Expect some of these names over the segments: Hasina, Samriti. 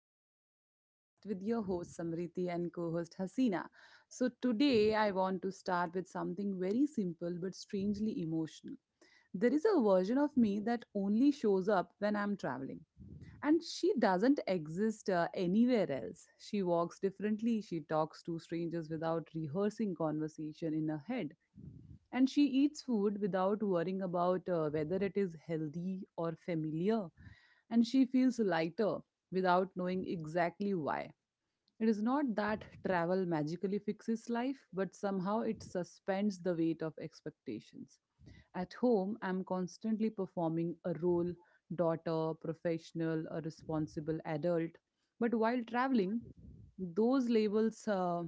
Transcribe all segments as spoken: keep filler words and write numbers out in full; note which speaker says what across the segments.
Speaker 1: another podcast with your host Samriti and co host Hasina. So, today I want to start with something very simple but strangely emotional. There is a version of me that only shows up when I'm traveling, and she doesn't exist uh, anywhere else. She walks differently, she talks to strangers without rehearsing conversation in her head, and she eats food without worrying about uh, whether it is healthy or familiar, and she feels lighter without knowing exactly why. It is not that travel magically fixes life, but somehow it suspends the weight of expectations. At home, I'm constantly performing a role: daughter, professional, a responsible adult. But while traveling, those labels uh,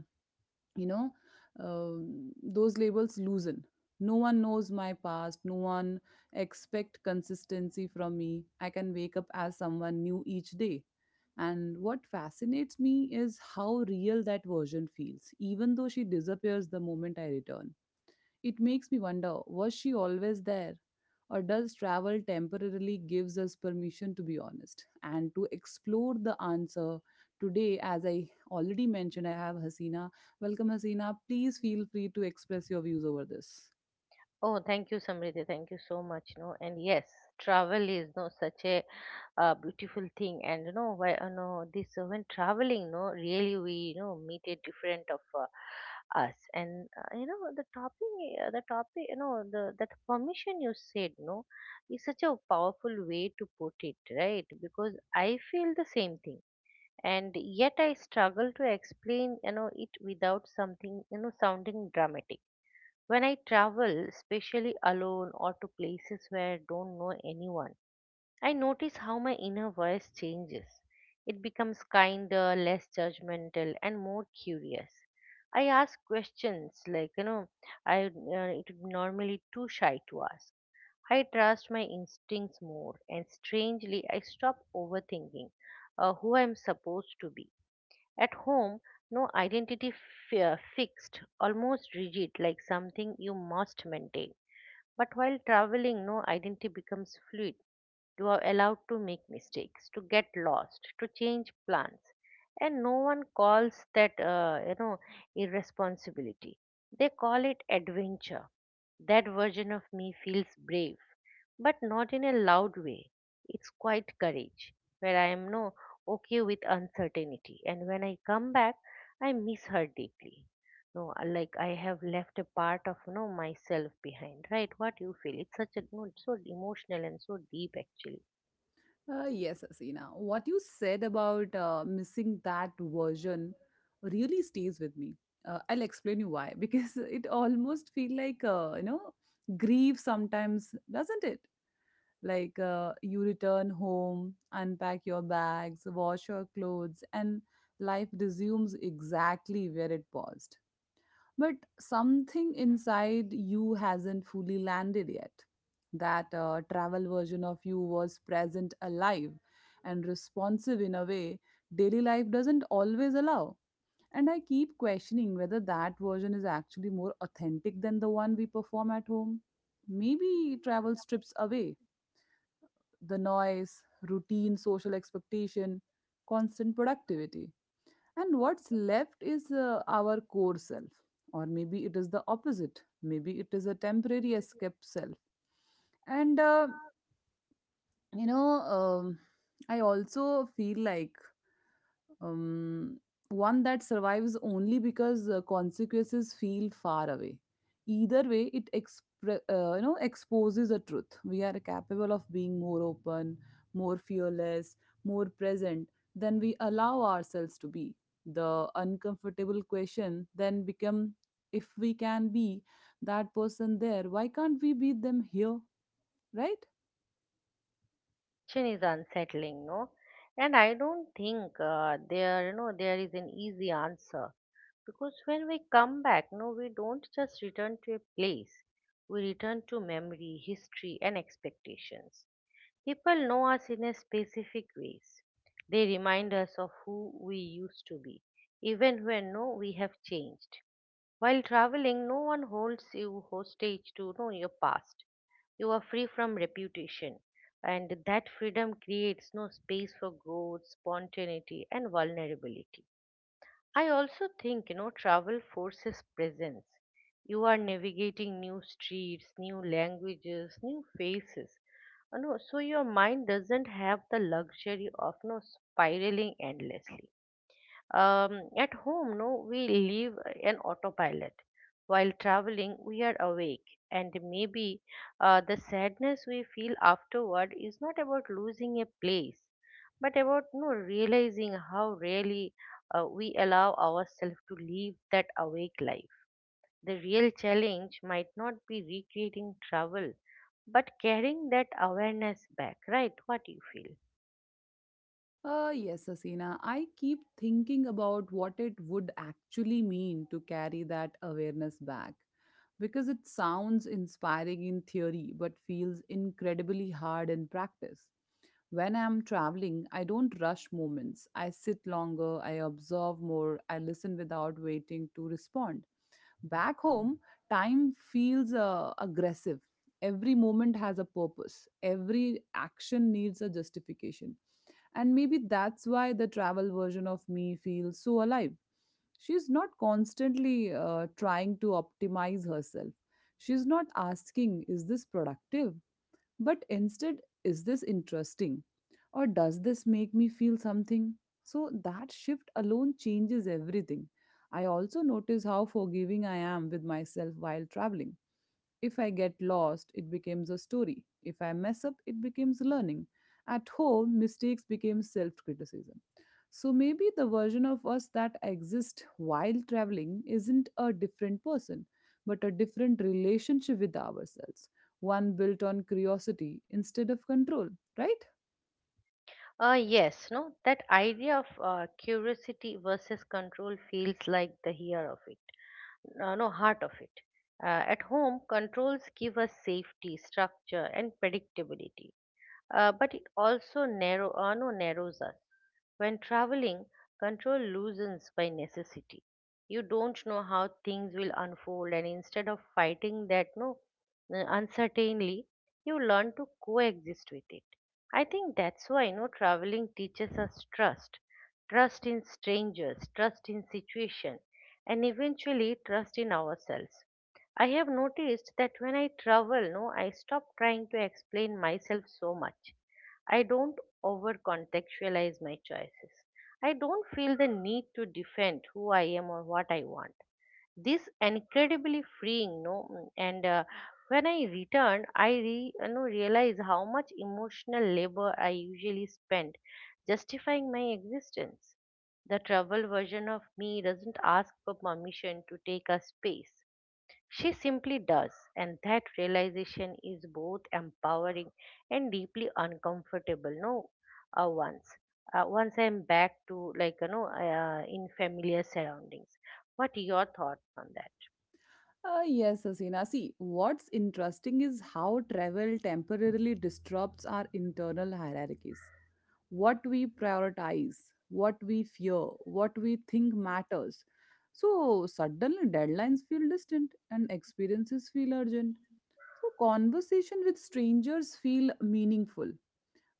Speaker 1: you know um, those labels loosen. No one knows my past, no one expect consistency from me. I can wake up as someone new each day. And what fascinates me is how real that version feels, even though she disappears the moment I return. It makes me wonder, was she always there? Or does travel temporarily gives us permission to be honest and to explore the answer today? As I already mentioned, I have Hasina. Welcome, Hasina. Please feel free to express your views over this.
Speaker 2: Oh, thank you, Samriti. Thank you so much. No, and yes, travel is no such a uh, beautiful thing. And you know, why, you know, this uh, when traveling, no, really we you know meet a different of uh, us. And uh, you know, the topping, uh, the topic, you know, the that permission you said, no, is such a powerful way to put it, right? Because I feel the same thing. And yet I struggle to explain, you know, it without something, you know, sounding dramatic when I travel, especially alone or to places where I don't know anyone. I notice how my inner voice changes. It becomes kinder, less judgmental, and more curious. I ask questions like, you know, I uh, it would normally too shy to ask. I trust my instincts more, and strangely, I stop overthinking uh, who I'm supposed to be. At home, no identity fi- uh, fixed, almost rigid, like something you must maintain. But while traveling, no identity becomes fluid. You are allowed to make mistakes, to get lost, to change plans, and no one calls that uh, you know irresponsibility. They call it adventure. That version of me feels brave, but not in a loud way. It's quite courage, where I am no okay with uncertainty. And when I come back, I miss her deeply. No, uh, like I have left a part of no myself behind, right? What you feel? It's such a no, it's so emotional and so deep actually.
Speaker 1: Uh, yes, Hasina. What you said about uh, missing that version really stays with me. Uh, I'll explain you why because it almost feel like uh, you know grief sometimes, doesn't it? Like uh, you return home, unpack your bags, wash your clothes, and life resumes exactly where it paused. But something inside you hasn't fully landed yet. That uh, travel version of you was present, alive, and responsive in a way daily life doesn't always allow. And I keep questioning whether that version is actually more authentic than the one we perform at home. Maybe travel strips away the noise, routine, social expectation, constant productivity. And what's left is uh, our core self. Or maybe it is the opposite. Maybe it is a temporary escape self. And, uh, you know, um, I also feel like um, one that survives only because uh, consequences feel far away. Either way, it expre- uh, you know exposes a truth. We are capable of being more open, more fearless, more present than we allow ourselves to be. The uncomfortable question then become, if we can be that person there, why can't we be them here? Right?
Speaker 2: Question is unsettling, no? And I don't think uh, there, you know, there is an easy answer because when we come back, no, we don't just return to a place. We return to memory, history, and expectations. People know us in a specific ways. They remind us of who we used to be, even when no, we have changed. While traveling, no one holds you hostage to know your past. You are free from reputation, and that freedom creates no space for growth, spontaneity, and vulnerability. I also think you know travel forces presence. You are navigating new streets, new languages, new faces. You know, so your mind doesn't have the luxury of no spiraling endlessly. Um, at home, no, we live an autopilot. While traveling, we are awake, and maybe uh, the sadness we feel afterward is not about losing a place, but about no realizing how rarely uh, we allow ourselves to live that awake life. The real challenge might not be recreating travel, but carrying that awareness back, right? What do you feel?
Speaker 1: Uh, yes, Asina. I keep thinking about what it would actually mean to carry that awareness back because it sounds inspiring in theory but feels incredibly hard in practice. When I'm traveling, I don't rush moments. I sit longer, I observe more, I listen without waiting to respond. Back home, time feels uh, aggressive. Every moment has a purpose, every action needs a justification, and maybe that's why the travel version of me feels so alive. She's not constantly uh, trying to optimize herself. She's not asking, is this productive? But instead, is this interesting? Or does this make me feel something? So that shift alone changes everything. I also notice how forgiving I am with myself while traveling. If I get lost, it becomes a story. If I mess up, it becomes learning. At home, mistakes became self criticism. So maybe the version of us that exists while traveling isn't a different person, but a different relationship with ourselves. One built on curiosity instead of control, right?
Speaker 2: Uh, yes, no, that idea of uh, curiosity versus control feels like the hair of it, uh, no, heart of it. Uh, at home, controls give us safety, structure, and predictability, uh, but it also narrow, uh, no, narrows us. When traveling, control loosens by necessity. You don't know how things will unfold, and instead of fighting that no uh, uncertainly, you learn to coexist with it. I think that's why no traveling teaches us trust, trust in strangers, trust in situation, and eventually trust in ourselves. I have noticed that when I travel, no, I stop trying to explain myself so much. I don't over contextualize my choices. I don't feel the need to defend who I am or what I want. This incredibly freeing, no, mm, and uh, when I return, I re, you know, realize how much emotional labor I usually spend justifying my existence. The travel version of me doesn't ask for permission to take a space. She simply does, and that realization is both empowering and deeply uncomfortable. No, uh, once, uh, once I'm back to like you know uh, in familiar surroundings. What are your thoughts on that?
Speaker 1: Uh, yes, Asina. See, what's interesting is how travel temporarily disrupts our internal hierarchies: what we prioritize, what we fear, what we think matters. So suddenly deadlines feel distant and experiences feel urgent. So conversation with strangers feel meaningful,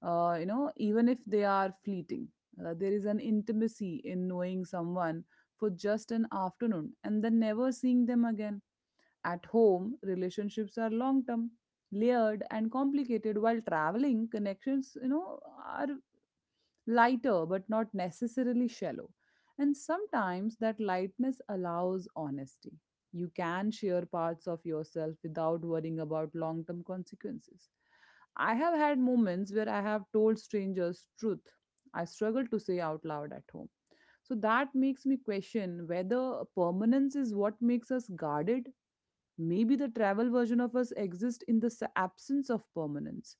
Speaker 1: uh, you know, even if they are fleeting. Uh, there is an intimacy in knowing someone for just an afternoon and then never seeing them again. At home, relationships are long term, layered and complicated, while traveling connections you know are lighter but not necessarily shallow. And sometimes that lightness allows honesty. You can share parts of yourself without worrying about long term consequences. I have had moments where I have told strangers truth I struggle to say out loud at home. So that makes me question whether permanence is what makes us guarded. Maybe the travel version of us exists in the s- absence of permanence,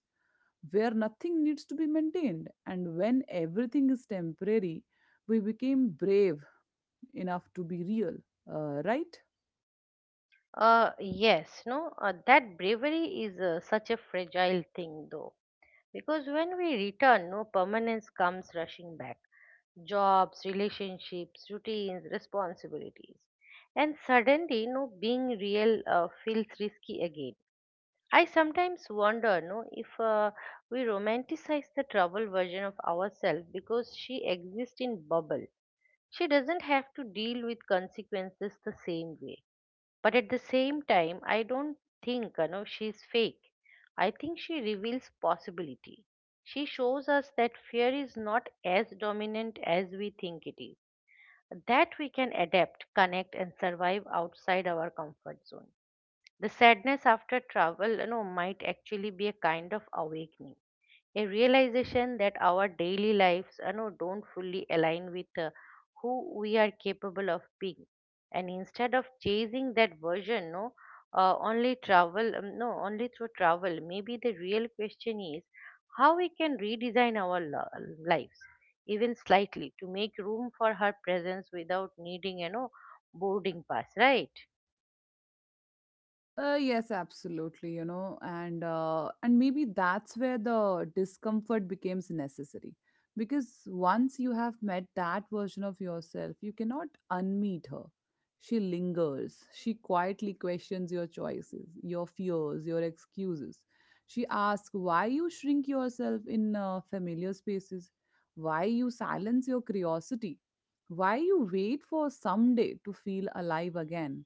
Speaker 1: where nothing needs to be maintained, and when everything is temporary, we became brave enough to be real, uh, right?
Speaker 2: Uh, yes, no, uh, that bravery is uh, such a fragile thing, though. Because when we return, no permanence comes rushing back: jobs, relationships, routines, responsibilities. And suddenly, no being real uh, feels risky again. I sometimes wonder, no, if uh, we romanticize the trouble version of ourselves because she exists in bubble. She doesn't have to deal with consequences the same way. But at the same time, I don't think you know she's fake. I think she reveals possibility. She shows us that fear is not as dominant as we think it is. That we can adapt, connect, and survive outside our comfort zone. The sadness after travel, you know, might actually be a kind of awakening, a realization that our daily lives you know, don't fully align with uh, who we are capable of being. And instead of chasing that version no uh, only travel, um, no only through travel, maybe the real question is how we can redesign our lo- lives, even slightly, to make room for her presence without needing you know boarding pass, right?
Speaker 1: Uh, yes, absolutely, you know, and uh, and maybe that's where the discomfort becomes necessary because once you have met that version of yourself, you cannot unmeet her. She lingers. She quietly questions your choices, your fears, your excuses. She asks why you shrink yourself in uh, familiar spaces, why you silence your curiosity, why you wait for someday to feel alive again.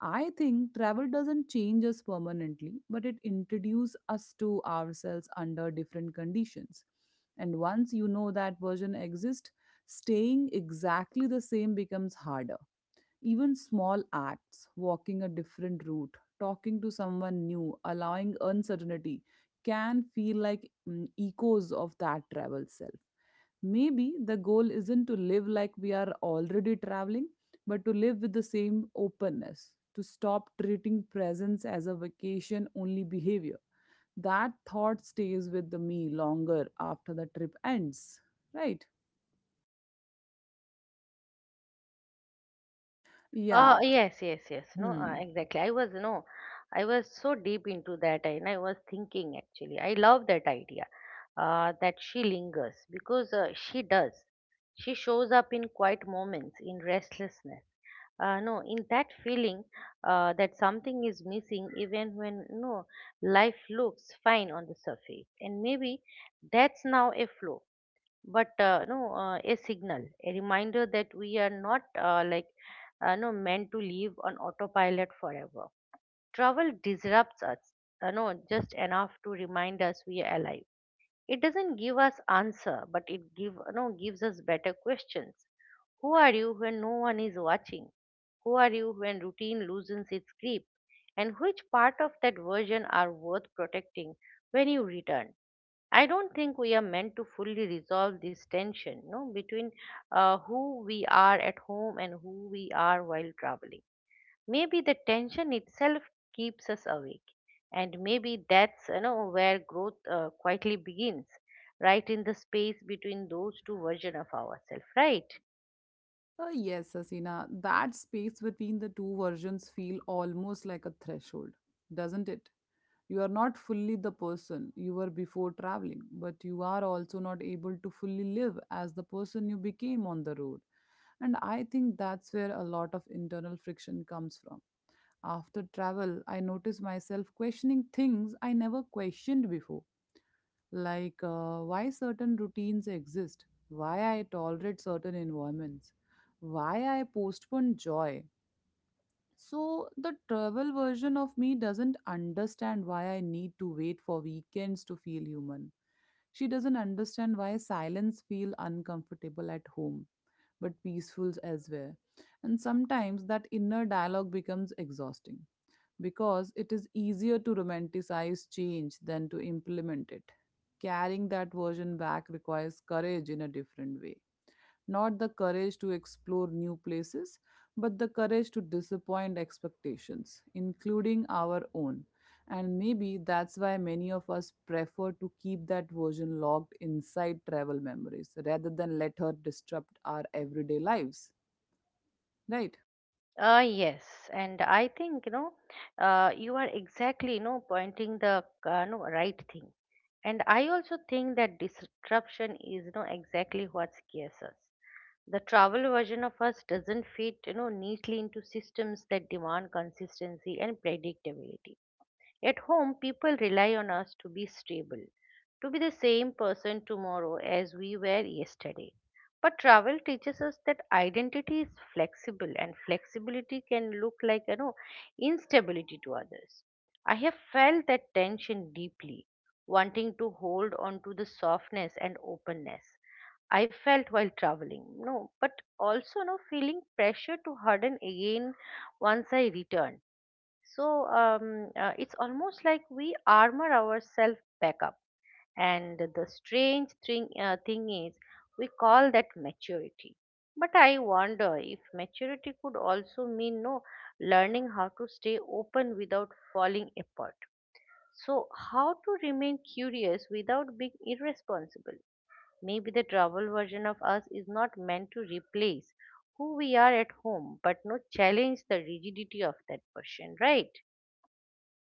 Speaker 1: I think travel doesn't change us permanently, but it introduces us to ourselves under different conditions. And once you know that version exists, staying exactly the same becomes harder. Even small acts, walking a different route, talking to someone new, allowing uncertainty, can feel like mm, echoes of that travel self. Maybe the goal isn't to live like we are already traveling, but to live with the same openness, to stop treating presence as a vacation only behavior. That thought stays with the me longer after the trip ends, right? Yeah.
Speaker 2: Uh, yes, yes, yes. No, uh,
Speaker 1: Hmm.
Speaker 2: exactly. I was, no, I was so deep into that, and I was thinking actually. I love that idea uh, that she lingers because uh, she does. She shows up in quiet moments, in restlessness. Uh, no, in that feeling uh, that something is missing, even when no life looks fine on the surface. And maybe that's now a flaw but uh, no uh, a signal, a reminder that we are not uh, like uh, no meant to live on autopilot forever. Travel disrupts us uh, no just enough to remind us we are alive. It doesn't give us answer, but it give no gives us better questions. Who are you when no one is watching? Who are you when routine loosens its grip, and which part of that version are worth protecting when you return? I don't think we are meant to fully resolve this tension, no, between uh, who we are at home and who we are while traveling. Maybe the tension itself keeps us awake, and maybe that's you know where growth uh, quietly begins, right in the space between those two versions of ourselves, right?
Speaker 1: Uh, yes, Asina, that space between the two versions feel almost like a threshold, doesn't it? You are not fully the person you were before traveling, but you are also not able to fully live as the person you became on the road. And I think that's where a lot of internal friction comes from. After travel, I notice myself questioning things I never questioned before, like uh, why certain routines exist, why I tolerate certain environments, why I postpone joy. So, the travel version of me doesn't understand why I need to wait for weekends to feel human. She doesn't understand why silence feel uncomfortable at home but peaceful elsewhere. And sometimes that inner dialogue becomes exhausting because it is easier to romanticize change than to implement it. Carrying that version back requires courage in a different way. Not the courage to explore new places, but the courage to disappoint expectations, including our own. And maybe that's why many of us prefer to keep that version locked inside travel memories rather than let her disrupt our everyday lives. Right?
Speaker 2: Uh, yes, and I think you know, uh, you are exactly you know pointing the uh, no, right thing, and I also think that disruption is you know exactly what scares us. The travel version of us doesn't fit you know neatly into systems that demand consistency and predictability. At home, people rely on us to be stable, to be the same person tomorrow as we were yesterday. But travel teaches us that identity is flexible, and flexibility can look like, you know, instability to others. I have felt that tension deeply, wanting to hold on to the softness and openness I felt while traveling. No, but also, no, feeling pressure to harden again once I returned. So um, uh, it's almost like we armor ourselves back up. And the strange thing, uh, thing is, we call that maturity. But I wonder if maturity could also mean no learning how to stay open without falling apart. So how to remain curious without being irresponsible? Maybe the travel version of us is not meant to replace who we are at home, but no challenge the rigidity of that version, right?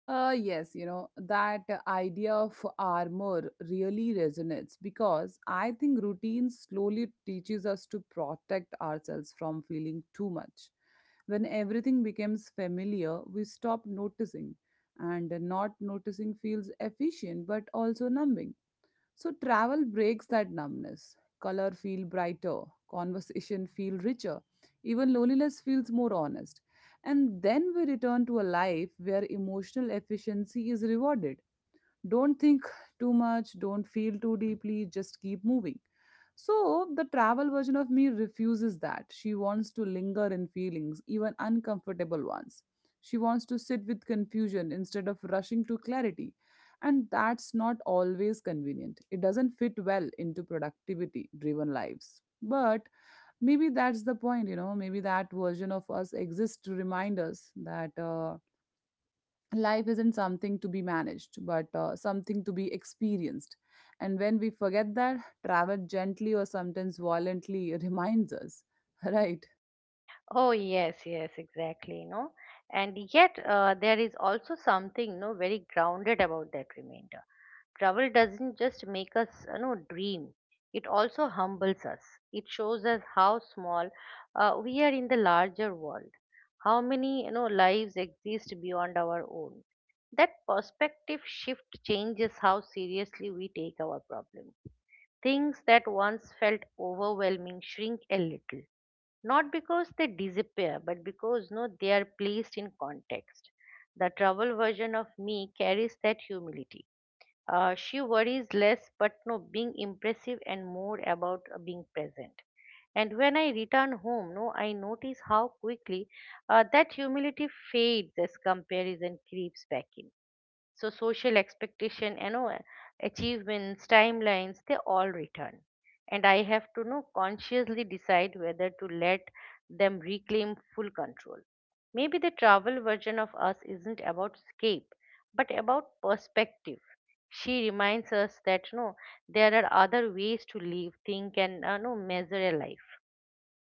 Speaker 1: Uh, yes, you know, that idea of armor really resonates because I think routine slowly teaches us to protect ourselves from feeling too much. When everything becomes familiar, we stop noticing, and not noticing feels efficient but also numbing. So travel breaks that numbness. Color feel brighter, conversation feel richer, even loneliness feels more honest. And then we return to a life where emotional efficiency is rewarded. Don't think too much, don't feel too deeply, just keep moving. So, the travel version of me refuses that. She wants to linger in feelings, even uncomfortable ones. She wants to sit with confusion instead of rushing to clarity. And that's not always convenient. It doesn't fit well into productivity driven lives. But maybe that's the point, you know, maybe that version of us exists to remind us that. Uh, life isn't something to be managed but uh, something to be experienced, and when we forget that, travel gently or sometimes violently reminds us. Right?
Speaker 2: Oh yes, yes, exactly. No, and yet uh, there is also something no very grounded about that remainder. Travel doesn't just make us you know dream; it also humbles us. It shows us how small uh, we are in the larger world, how many you know lives exist beyond our own. That perspective shift changes how seriously we take our problems. Things that once felt overwhelming shrink a little, not because they disappear but because no they are placed in context. The travel version of me carries that humility. Uh, she worries less but no being impressive and more about uh, being present. And when I return home, no I notice how quickly uh, that humility fades as comparison creeps back in. So social expectation, you know, achievements, timelines, they all return. And I have to know consciously decide whether to let them reclaim full control. Maybe the travel version of us isn't about escape, but about perspective. She reminds us that no, there are other ways to live, think, and uh, no, measure a life.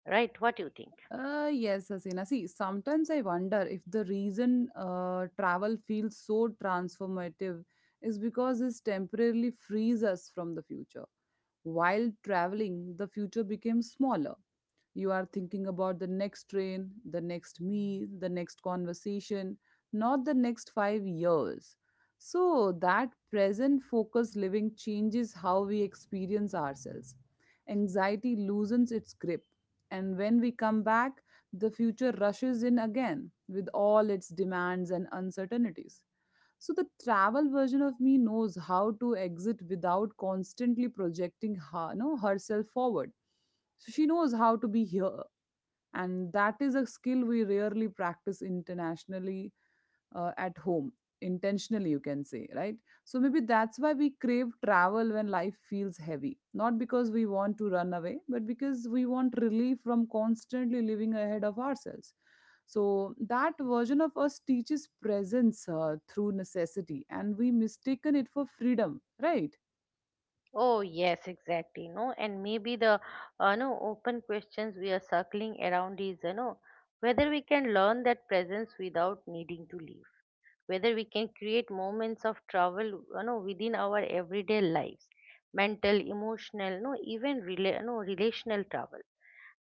Speaker 2: Right? What do you think?
Speaker 1: Uh, yes, Asina. See, sometimes I wonder if the reason uh, travel feels so transformative is because this temporarily frees us from the future. While traveling, the future becomes smaller. You are thinking about the next train, the next meal, the next conversation, not the next five years. So, that present focused living changes how we experience ourselves. Anxiety loosens its grip, and when we come back, the future rushes in again with all its demands and uncertainties. So, the travel version of me knows how to exit without constantly projecting her, no, herself forward. So, she knows how to be here, and that is a skill we rarely practice internationally uh, at home, intentionally, you can say, right? So maybe that's why we crave travel when life feels heavy, not because we want to run away but because we want relief from constantly living ahead of ourselves. So that version of us teaches presence uh, through necessity, and we mistaken it for freedom, right?
Speaker 2: Oh, yes, exactly. No, and maybe the uh, no open questions we are circling around is you know whether we can learn that presence without needing to leave, whether we can create moments of travel you know within our everyday lives, mental, emotional, no even rela- no relational travel,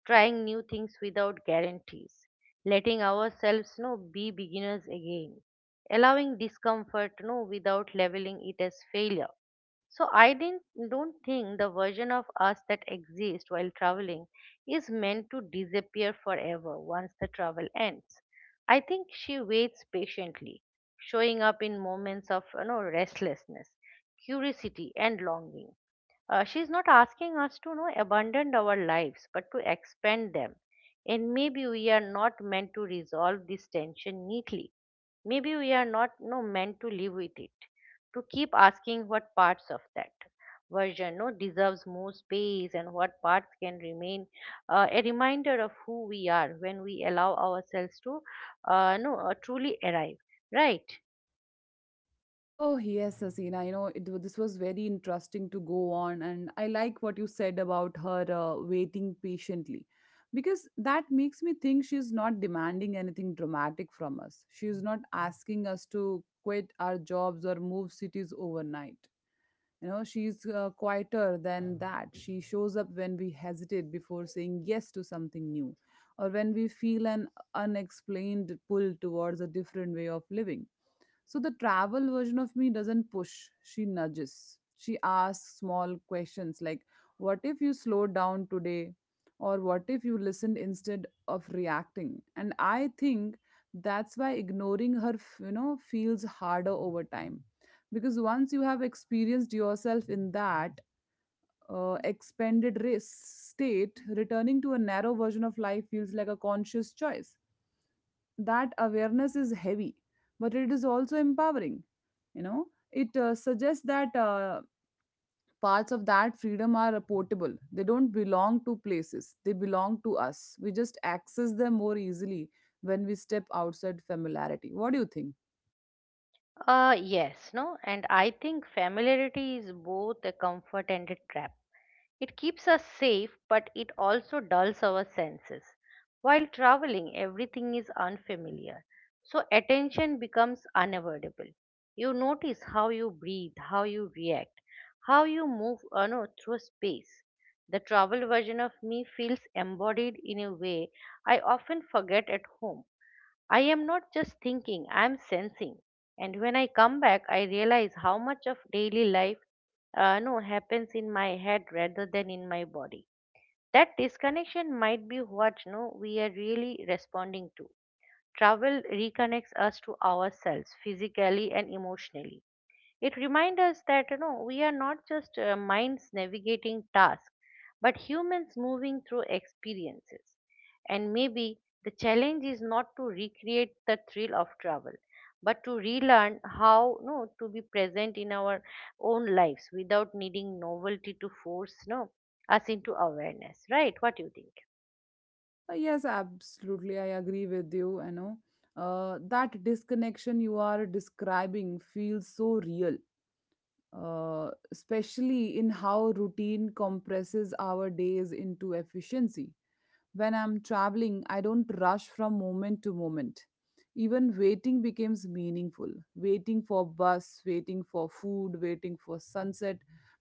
Speaker 2: trying new things without guarantees, letting ourselves no be beginners again, allowing discomfort no without labeling it as failure. So I didn't don't think the version of us that exists while traveling is meant to disappear forever once the travel ends. I think she waits patiently, showing up in moments of you know restlessness, curiosity, and longing. Uh, she's not asking us to you know abandon our lives, but to expand them. And maybe we are not meant to resolve this tension neatly. Maybe we are not you know, meant to live with it, to keep asking what parts of that version you know, deserves more space and what parts can remain, uh, a reminder of who we are when we allow ourselves to uh, you know, uh, truly arrive. Right.
Speaker 1: Oh, yes, Asina. You know, it, wa- this was very interesting to go on. And I like what you said about her uh, waiting patiently because that makes me think she's not demanding anything dramatic from us. She's not asking us to quit our jobs or move cities overnight. You know, she's uh, quieter than that. She shows up when we hesitate before saying yes to something new, or when we feel an unexplained pull towards a different way of living. So the travel version of me doesn't push, she nudges. She asks small questions like, what if you slowed down today? Or what if you listened instead of reacting? And I think that's why ignoring her, f- you know, feels harder over time. Because once you have experienced yourself in that uh, expanded risk state, returning to a narrow version of life feels like a conscious choice. That awareness is heavy, but it is also empowering. You know it uh, suggests that uh, parts of that freedom are portable. They don't belong to places, they belong to us. We just access them more easily when we step outside familiarity. What do you think?
Speaker 2: Uh, yes, no, and I think familiarity is both a comfort and a trap. It keeps us safe, but it also dulls our senses. While traveling, everything is unfamiliar, so attention becomes unavoidable. You notice how you breathe, how you react, how you move uh, no, through space. The travel version of me feels embodied in a way I often forget at home. I am not just thinking, I am sensing. And when I come back, I realize how much of daily life uh, no happens in my head rather than in my body. That disconnection might be what no we are really responding to. Travel reconnects us to ourselves physically and emotionally. It reminds us that you know we are not just uh, minds navigating tasks, but humans moving through experiences. And maybe the challenge is not to recreate the thrill of travel, but to relearn how no to be present in our own lives without needing novelty to force no us into awareness. Right? What do you think?
Speaker 1: Uh, yes, absolutely, I agree with you. I know uh, that disconnection you are describing feels so real, uh, especially in how routine compresses our days into efficiency. When I'm traveling, I don't rush from moment to moment. Even waiting becomes meaningful. Waiting for bus, waiting for food, waiting for sunset.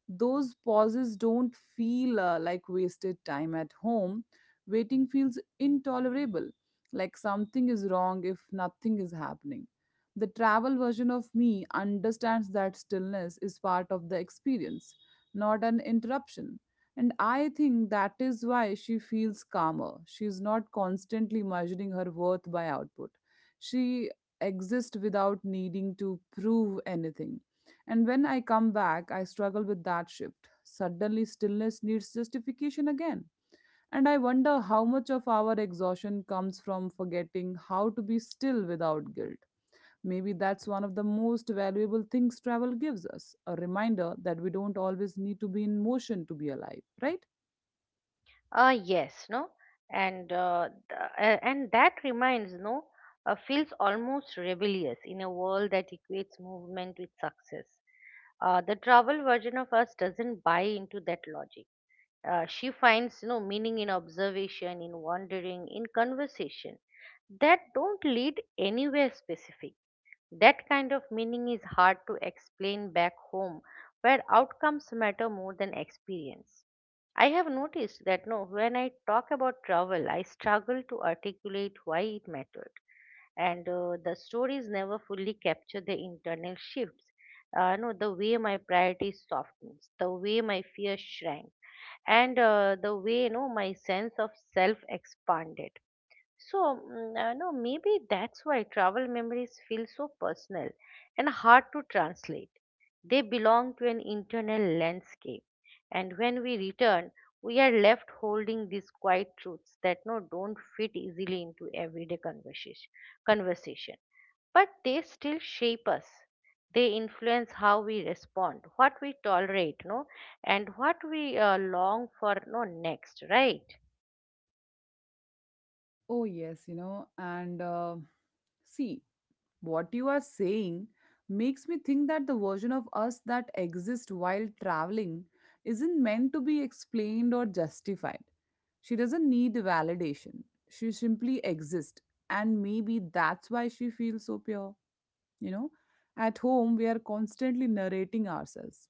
Speaker 1: Those pauses don't feel uh, like wasted time. At home, waiting feels intolerable, like something is wrong if nothing is happening. The travel version of me understands that stillness is part of the experience, not an interruption. And I think that is why she feels calmer. She is not constantly measuring her worth by output. She exists without needing to prove anything. And when I come back, I struggle with that shift. Suddenly, stillness needs justification again. And I wonder how much of our exhaustion comes from forgetting how to be still without guilt. Maybe that's one of the most valuable things travel gives us, a reminder that we don't always need to be in motion to be alive, right?
Speaker 2: Uh, yes, no, and uh, th- uh, And that reminds no, uh, feels almost rebellious in a world that equates movement with success. Uh, the travel version of us doesn't buy into that logic. Uh, she finds no meaning in observation, in wandering, in conversation that don't lead anywhere specific. That kind of meaning is hard to explain back home, where outcomes matter more than experience. I have noticed that no, when I talk about travel, I struggle to articulate why it mattered, and uh, the stories never fully capture the internal shifts. Uh, no, the way my priorities softened, the way my fear shrank, and uh, the way no, my sense of self expanded. So, mm, I know maybe that's why travel memories feel so personal and hard to translate. They belong to an internal landscape, and when we return, we are left holding these quiet truths that no don't fit easily into everyday conversation. Conversation, but they still shape us. They influence how we respond, what we tolerate, no, and what we uh, long for, no next, right?
Speaker 1: Oh, yes, you know, and uh, see, what you are saying makes me think that the version of us that exists while traveling isn't meant to be explained or justified. She doesn't need validation. She simply exists. And maybe that's why she feels so pure. You know, at home, we are constantly narrating ourselves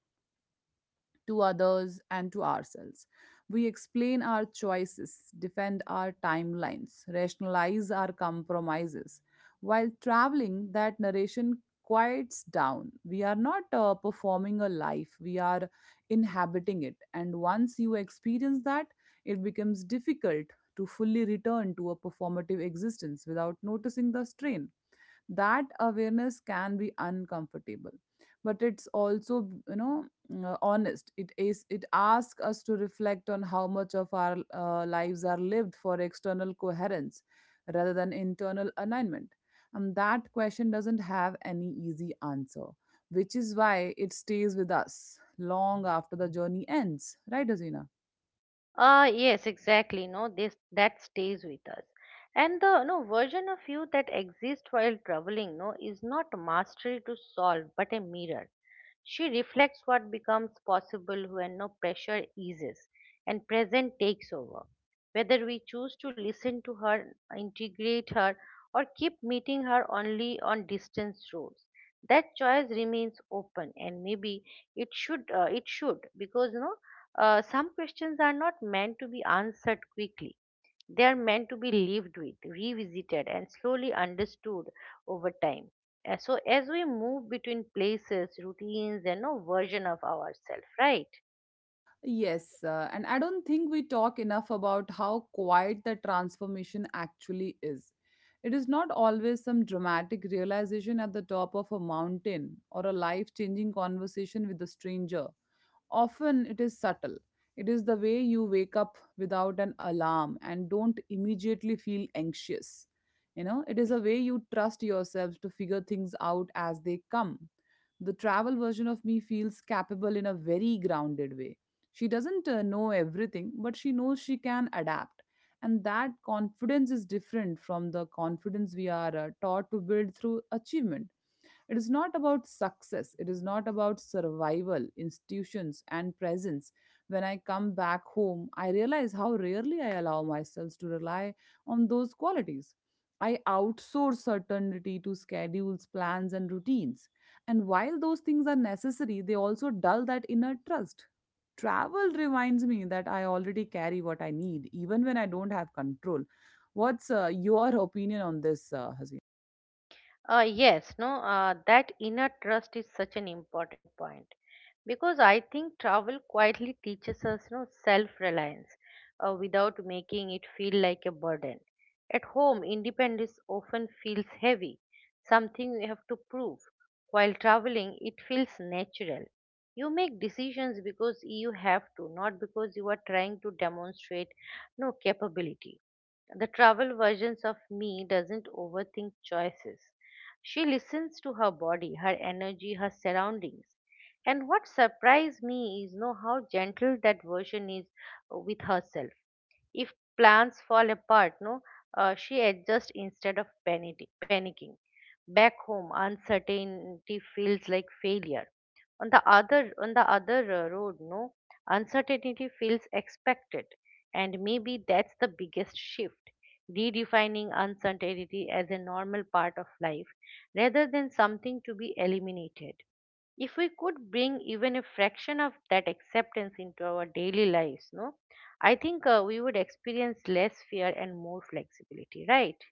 Speaker 1: to others and to ourselves. We explain our choices, defend our timelines, rationalize our compromises. While traveling, that narration quiets down. We are not uh, performing a life, we are inhabiting it. And once you experience that, it becomes difficult to fully return to a performative existence without noticing the strain. That awareness can be uncomfortable, but it's also, you know, uh, honest. It is it asks us to reflect on how much of our uh, lives are lived for external coherence rather than internal alignment. And that question doesn't have any easy answer, which is why it stays with us long after the journey ends, right, Azina?
Speaker 2: Uh, yes, exactly. No, this that stays with us. And the no version of you that exists while traveling, no, is not mastery to solve, but a mirror. She reflects what becomes possible when no pressure eases and present takes over. Whether we choose to listen to her, integrate her, or keep meeting her only on distance roads, that choice remains open, and maybe it should. Uh, it should because no uh, some questions are not meant to be answered quickly. They are meant to be lived with, revisited, and slowly understood over time. Uh, So, as we move between places, routines, and no version of ourselves, right?
Speaker 1: Yes, uh, and I don't think we talk enough about how quiet the transformation actually is. It is not always some dramatic realization at the top of a mountain or a life changing conversation with a stranger. Often it is subtle. It is the way you wake up without an alarm and don't immediately feel anxious. You know, it is a way you trust yourself to figure things out as they come. The travel version of me feels capable in a very grounded way. She doesn't uh, know everything, but she knows she can adapt. And that confidence is different from the confidence we are uh, taught to build through achievement. It is not about success, it is not about survival, institutions, and presence. When I come back home, I realize how rarely I allow myself to rely on those qualities. I outsource certainty to schedules, plans, and routines. And while those things are necessary, they also dull that inner trust. Travel reminds me that I already carry what I need, even when I don't have control. What's uh, your opinion on this, uh, Hasina?
Speaker 2: Uh, yes, no, uh, That inner trust is such an important point, because I think travel quietly teaches us, no, self-reliance uh, without making it feel like a burden. At home, independence often feels heavy, something you have to prove. While traveling, it feels natural. You make decisions because you have to, not because you are trying to demonstrate no capability. The travel versions of me doesn't overthink choices. She listens to her body, her energy, her surroundings. And what surprised me is know how gentle that version is uh, with herself. If plans fall apart, no, uh, she adjusts instead of panic- panicking. Back home, uncertainty feels like failure. On the other, on the other uh, road, no, uncertainty feels expected, and maybe that's the biggest shift. Redefining uncertainty as a normal part of life rather than something to be eliminated. If we could bring even a fraction of that acceptance into our daily lives, no, I think uh, we would experience less fear and more flexibility, right?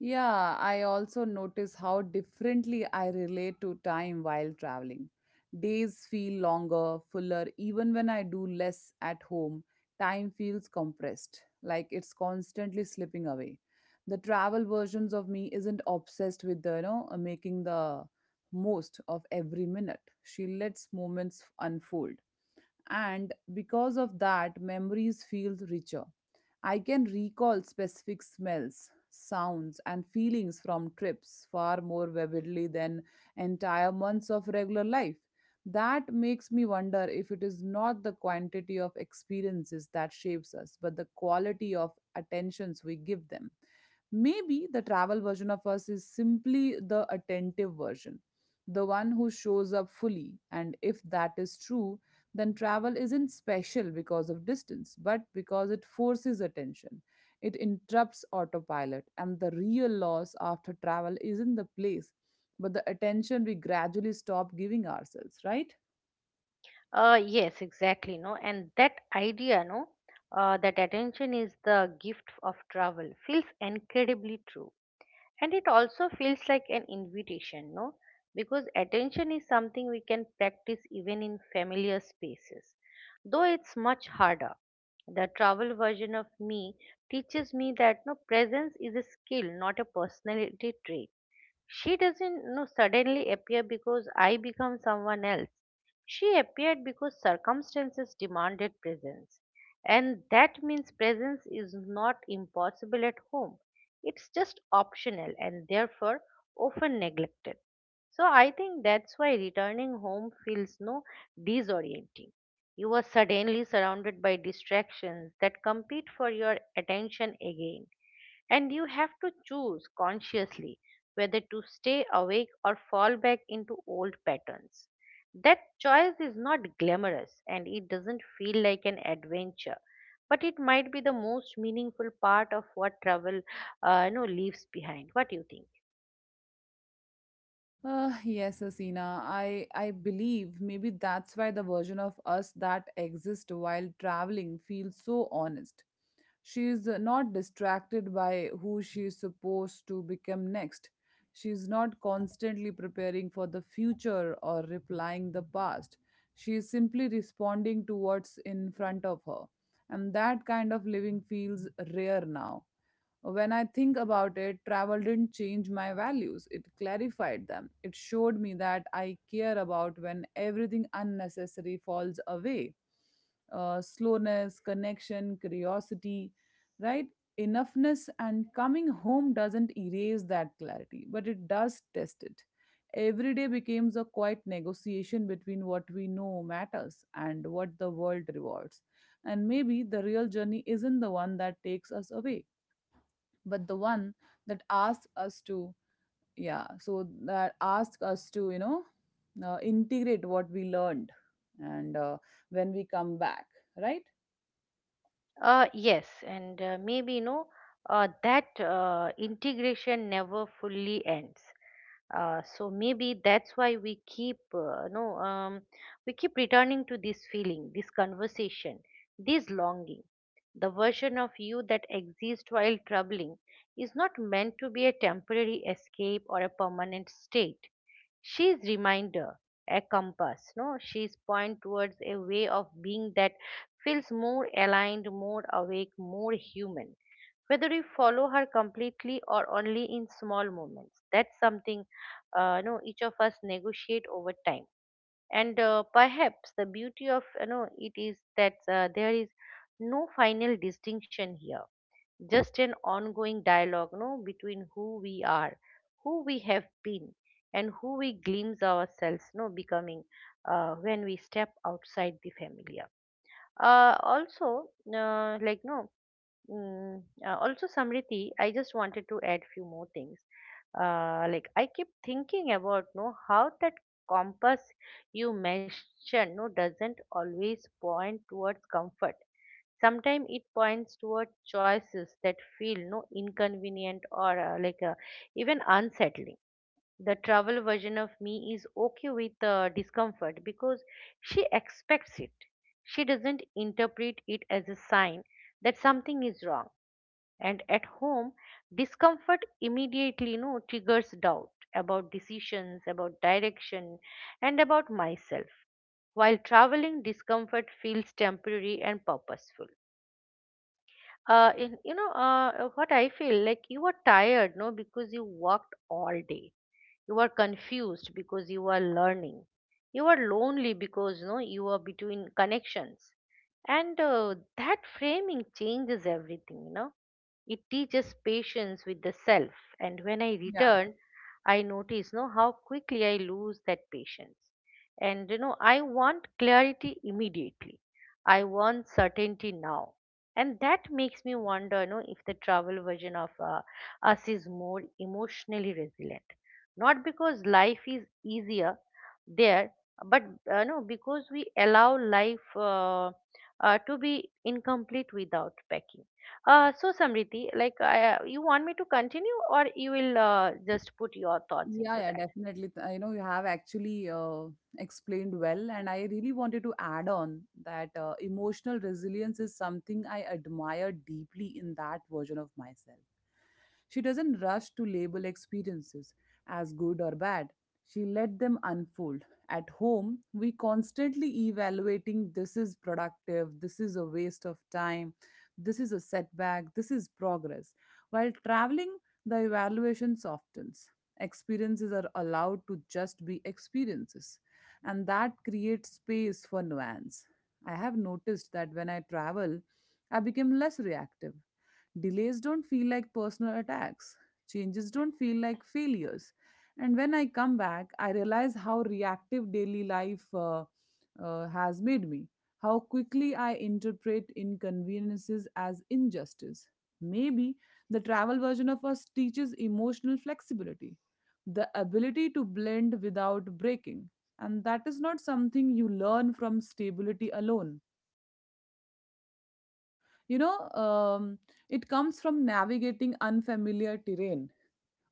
Speaker 1: Yeah, I also notice how differently I relate to time while traveling. Days feel longer, fuller. Even when I do less at home, time feels compressed, like it's constantly slipping away. The travel versions of me isn't obsessed with, the, you know, uh, making the most of every minute. She lets moments unfold, and because of that, memories feel richer. I can recall specific smells, sounds, and feelings from trips far more vividly than entire months of regular life. That makes me wonder if it is not the quantity of experiences that shapes us, but the quality of attentions we give them. Maybe the travel version of us is simply the attentive version, the one who shows up fully. And if that is true, then travel isn't special because of distance, but because it forces attention. It interrupts autopilot, and the real loss after travel isn't the place, but the attention we gradually stop giving ourselves, right?
Speaker 2: Uh, yes, exactly. No, and that idea, no, uh, that attention is the gift of travel feels incredibly true, and it also feels like an invitation, no, because attention is something we can practice even in familiar spaces, though it's much harder. The travel version of me teaches me that no presence is a skill, not a personality trait. She doesn't you know suddenly appear because I become someone else. She appeared because circumstances demanded presence. And that means presence is not impossible at home. It's just optional and therefore often neglected. So I think that's why returning home feels no disorienting. You are suddenly surrounded by distractions that compete for your attention again, and you have to choose consciously whether to stay awake or fall back into old patterns. That choice is not glamorous and it doesn't feel like an adventure, but it might be the most meaningful part of what travel uh, you know, leaves behind. What do you think?
Speaker 1: Uh, yes, Asina. I I believe maybe that's why the version of us that exists while traveling feels so honest. She's uh, not distracted by who she's supposed to become next. She's not constantly preparing for the future or replying the past. She is simply responding to what's in front of her. And that kind of living feels rare now. When I think about it, travel didn't change my values, it clarified them. It showed me that I care about when everything unnecessary falls away, uh, slowness, connection, curiosity, right? Enoughness. And coming home doesn't erase that clarity, but it does test it. Every day becomes a quiet negotiation between what we know matters and what the world rewards. And maybe the real journey isn't the one that takes us away, but the one that asks us to, yeah so that asks us to, you know, uh, integrate what we learned and uh, when we come back, right?
Speaker 2: Uh, yes, and uh, maybe you know uh, that uh, integration never fully ends. Uh, so maybe that's why we keep uh, no um, we keep returning to this feeling, this conversation, this longing. The version of you that exists while troubling is not meant to be a temporary escape or a permanent state. She's reminder, a compass, no she's point towards a way of being that feels more aligned, more awake, more human. Whether you follow her completely or only in small moments, that's something uh, no each of us negotiate over time. And uh, perhaps the beauty of you know it is that uh, there is no final distinction here, just an ongoing dialogue no between who we are, who we have been, and who we glimpse ourselves no becoming, uh, when we step outside the familiar. Uh, also uh, like no mm, uh, also, Samriti, I just wanted to add few more things. Uh, like, I keep thinking about no how that compass you mentioned, no doesn't always point towards comfort. Sometimes it points toward choices that feel no inconvenient or uh, like uh, even unsettling. The travel version of me is okay with uh, discomfort because she expects it. She doesn't interpret it as a sign that something is wrong. And at home, discomfort immediately you know, triggers doubt about decisions, about direction, and about myself. While traveling, discomfort feels temporary and purposeful. Uh in you know uh what I feel like You are tired no because you worked all day, you are confused because you are learning, you are lonely because no you are between connections. And uh, that framing changes everything, you know it teaches patience with the self. And when I
Speaker 1: Yeah.
Speaker 2: return, I notice no how quickly I lose that patience, and you know I want clarity immediately, I want certainty now. And that makes me wonder you know if the travel version of uh, us is more emotionally resilient, not because life is easier there, but uh, no because we allow life uh, uh, to be incomplete without packing. Uh, so, Samriti, like I, uh, you want me to continue, or you will uh, just put your thoughts
Speaker 1: Yeah,
Speaker 2: into
Speaker 1: yeah,
Speaker 2: that?
Speaker 1: definitely. Th- You know, you have actually uh, explained well, and I really wanted to add on that uh, emotional resilience is something I admire deeply in that version of myself. She doesn't rush to label experiences as good or bad. She let them unfold. At home, we constantly evaluating this is productive, this is a waste of time, this is a setback, this is progress. While traveling, the evaluation softens. Experiences are allowed to just be experiences, and that creates space for nuance. I have noticed that when I travel, I become less reactive. Delays don't feel like personal attacks. Changes don't feel like failures. And when I come back, I realize how reactive daily life uh, uh, has made me, how quickly I interpret inconveniences as injustice. Maybe the travel version of us teaches emotional flexibility, the ability to blend without breaking. And that is not something you learn from stability alone, you know. um, it comes from navigating unfamiliar terrain,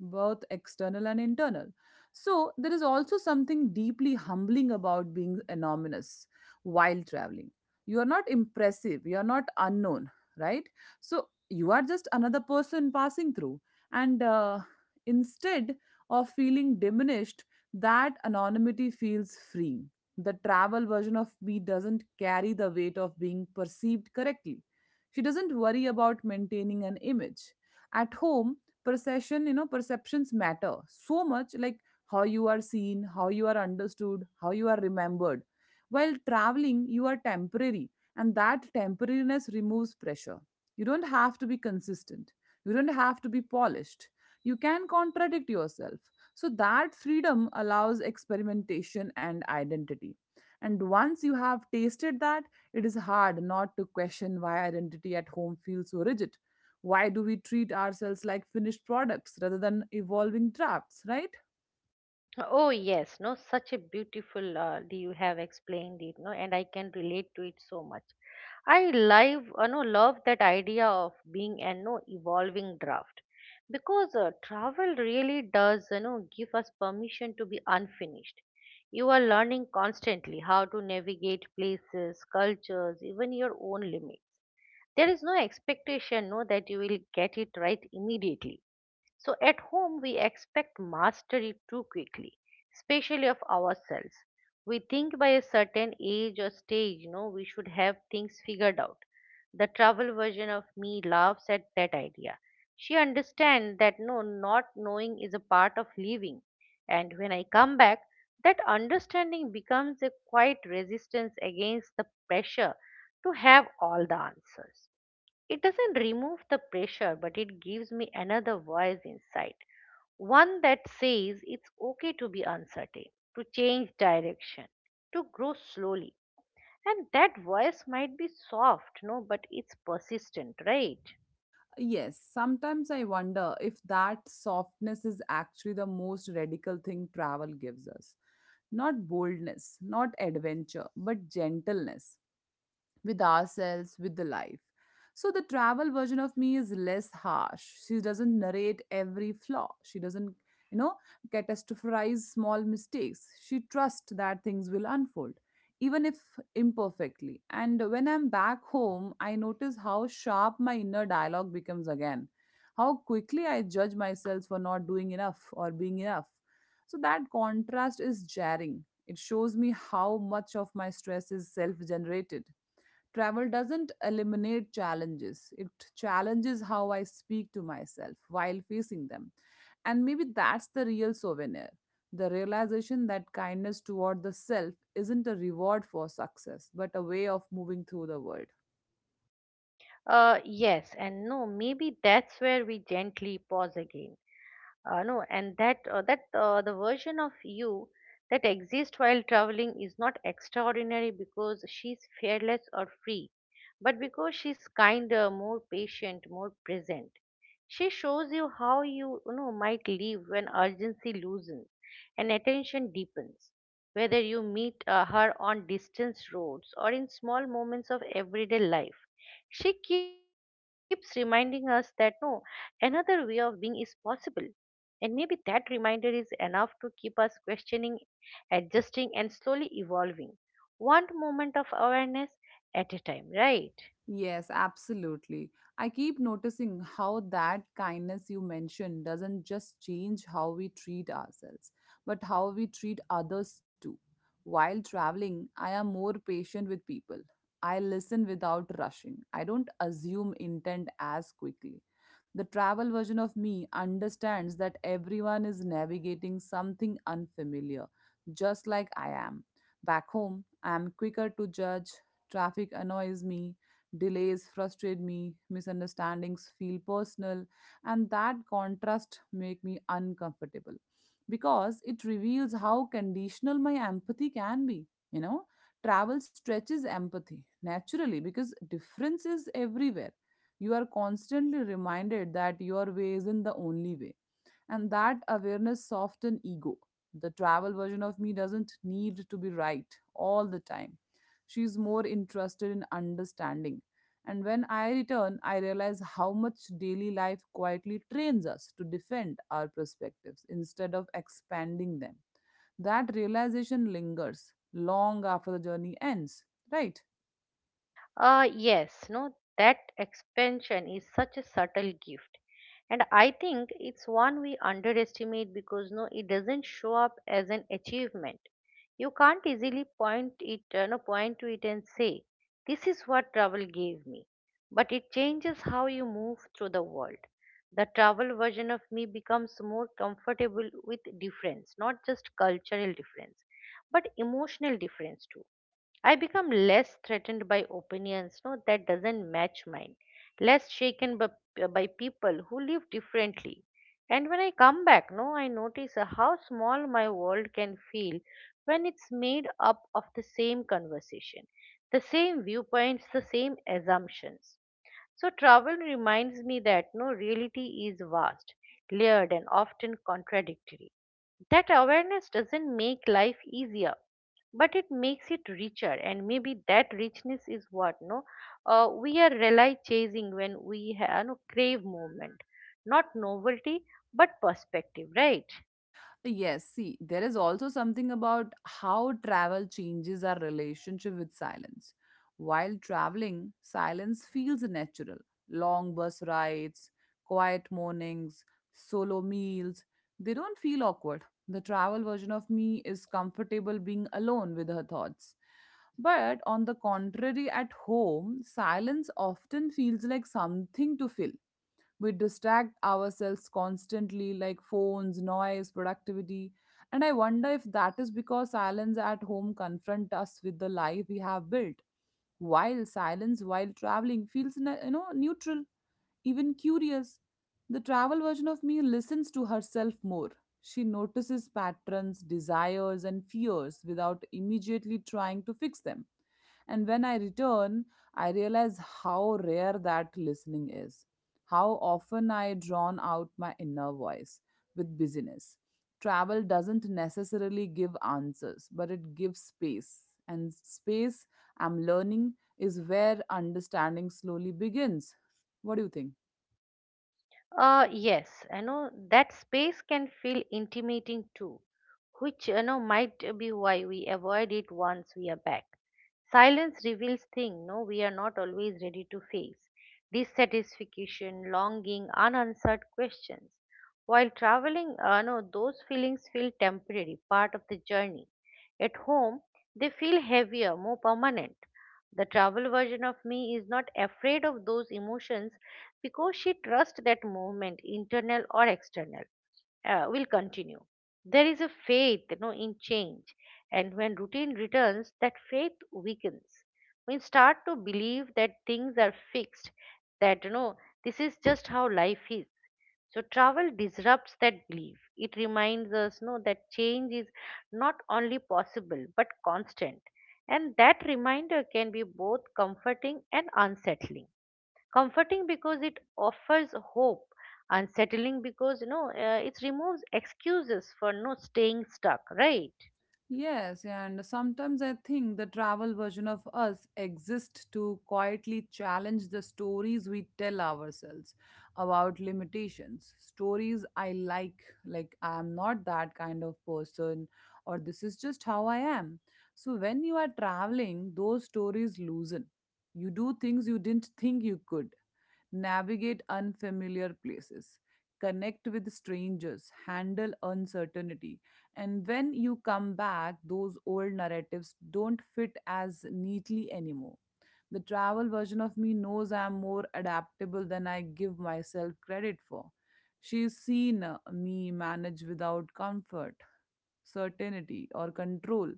Speaker 1: both external and internal. So, there is also something deeply humbling about being anonymous while traveling. You are not impressive, you are not unknown, right? So, you are just another person passing through. And uh, instead of feeling diminished, that anonymity feels freeing. The travel version of me doesn't carry the weight of being perceived correctly. She doesn't worry about maintaining an image. At home, perception you know, perceptions matter so much, like how you are seen, how you are understood, how you are remembered. While traveling, you are temporary, and that temporariness removes pressure. You don't have to be consistent, you don't have to be polished, you can contradict yourself. So that freedom allows experimentation and identity. And once you have tasted that, it is hard not to question why identity at home feels so rigid. Why do we treat ourselves like finished products rather than evolving drafts, right?
Speaker 2: Oh yes, no such a beautiful uh, do you have explained it, no and I can relate to it so much. I live, uh, no, love that idea of being an no evolving draft, because uh, travel really does you know give us permission to be unfinished. You are learning constantly how to navigate places, cultures, even your own limits. There is no expectation no that you will get it right immediately. So at home, we expect mastery too quickly, especially of ourselves. We think by a certain age or stage, you know, we should have things figured out. The travel version of me laughs at that idea. She understands that no, not knowing is a part of living. And when I come back, that understanding becomes a quiet resistance against the pressure to have all the answers. It doesn't remove the pressure, but it gives me another voice inside. One that says it's okay to be uncertain, to change direction, to grow slowly. And that voice might be soft, no, but it's persistent, right?
Speaker 1: Yes, sometimes I wonder if that softness is actually the most radical thing travel gives us. Not boldness, not adventure, but gentleness. With ourselves, with the life. So the travel version of me is less harsh. She doesn't narrate every flaw. She doesn't, you know, catastrophize small mistakes. She trusts that things will unfold, even if imperfectly. And when I'm back home, I notice how sharp my inner dialogue becomes again, how quickly I judge myself for not doing enough or being enough. So that contrast is jarring. It shows me how much of my stress is self generated. Travel doesn't eliminate challenges, it challenges how I speak to myself while facing them. And maybe that's the real souvenir, the realization that kindness toward the self isn't a reward for success, but a way of moving through the world.
Speaker 2: Uh, yes, and no, maybe that's where we gently pause again. Uh, no and that uh, that uh, the version of you that exists while traveling is not extraordinary because she's fearless or free, but because she's kinder, more patient, more present. She shows you how you, you know might live when urgency loosens and attention deepens. Whether you meet uh, her on distant roads or in small moments of everyday life, she keeps reminding us that no another way of being is possible. And maybe that reminder is enough to keep us questioning, adjusting, and slowly evolving, one moment of awareness at a time, right?
Speaker 1: Yes, absolutely. I keep noticing how that kindness you mentioned doesn't just change how we treat ourselves, but how we treat others too. While traveling, I am more patient with people. I listen without rushing. I don't assume intent as quickly. The travel version of me understands that everyone is navigating something unfamiliar, just like I am. Back home, I am quicker to judge. Traffic annoys me. Delays frustrate me, misunderstandings feel personal, and that contrast make me uncomfortable because it reveals how conditional my empathy can be, you know. Travel stretches empathy naturally because difference is everywhere. You are constantly reminded that your way isn't the only way, and that awareness softens ego. The travel version of me doesn't need to be right all the time. She's more interested in understanding. And when I return, I realize how much daily life quietly trains us to defend our perspectives instead of expanding them. That realization lingers long after the journey ends, right?
Speaker 2: Uh, yes, no, that expansion is such a subtle gift. And I think it's one we underestimate because no, it doesn't show up as an achievement. You can't easily point it, uh, no, point to it and say, "This is what travel gave me." But it changes how you move through the world. The travel version of me becomes more comfortable with difference, not just cultural difference, but emotional difference too. I become less threatened by opinions no, that doesn't match mine, less shaken by, uh, by people who live differently. And when I come back, no, I notice uh, how small my world can feel when it's made up of the same conversation, the same viewpoints, the same assumptions. So travel reminds me that no reality is vast, layered and often contradictory. That awareness doesn't make life easier, but it makes it richer. And maybe that richness is what no uh, we are really chasing when we ha- no, crave movement, not novelty but perspective, right?
Speaker 1: Yes, see, there is also something about how travel changes our relationship with silence. While traveling, silence feels natural. Long bus rides, quiet mornings, solo meals, they don't feel awkward. The travel version of me is comfortable being alone with her thoughts. But on the contrary, at home, silence often feels like something to fill. We distract ourselves constantly, like phones, noise, productivity. And I wonder if that is because silence at home confront us with the life we have built, while silence while traveling feels ne- you know neutral, even curious. The travel version of me listens to herself more. She notices patterns, desires and fears without immediately trying to fix them. And when I return, I realize how rare that listening is, how often I drown out my inner voice with busyness. Travel doesn't necessarily give answers, but it gives space. And space, I'm learning, is where understanding slowly begins. What do you think?
Speaker 2: Uh, yes, I know that space can feel intimating too, which you know might be why we avoid it once we are back. Silence reveals things no we are not always ready to face. Dissatisfaction, longing, unanswered questions. While traveling, uh, no, those feelings feel temporary, part of the journey. At home, they feel heavier, more permanent. The travel version of me is not afraid of those emotions because she trusts that movement, internal or external, uh, will continue. There is a faith you know, in change, and when routine returns, that faith weakens. We start to believe that things are fixed, that you know this is just how life is. So travel disrupts that belief. It reminds us no, that change is not only possible but constant. And that reminder can be both comforting and unsettling. Comforting because it offers hope, unsettling because you know, uh, it removes excuses for no staying stuck, right?
Speaker 1: Yes, and sometimes I think the travel version of us exists to quietly challenge the stories we tell ourselves about limitations. Stories I like, like I am not that kind of person, or this is just how I am. So when you are traveling, those stories loosen. You do things you didn't think you could, navigate unfamiliar places, connect with strangers, handle uncertainty. And when you come back, those old narratives don't fit as neatly anymore. The travel version of me knows I'm more adaptable than I give myself credit for. She's seen uh, me manage without comfort, certainty, or control.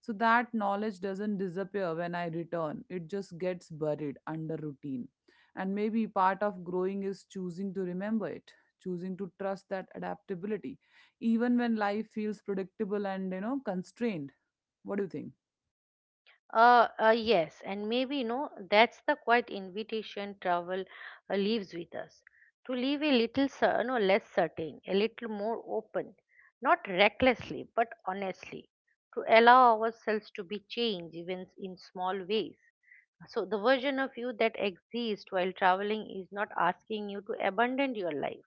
Speaker 1: So that knowledge doesn't disappear when I return, it just gets buried under routine. And maybe part of growing is choosing to remember it, choosing to trust that adaptability, even when life feels predictable and, you know, constrained. What do you think?
Speaker 2: Uh, uh, yes, and maybe you know that's the quiet invitation travel uh, leaves with us to leave a little, cer- no, less certain, a little more open, not recklessly but honestly, to allow ourselves to be changed even in small ways. So the version of you that exists while traveling is not asking you to abandon your life.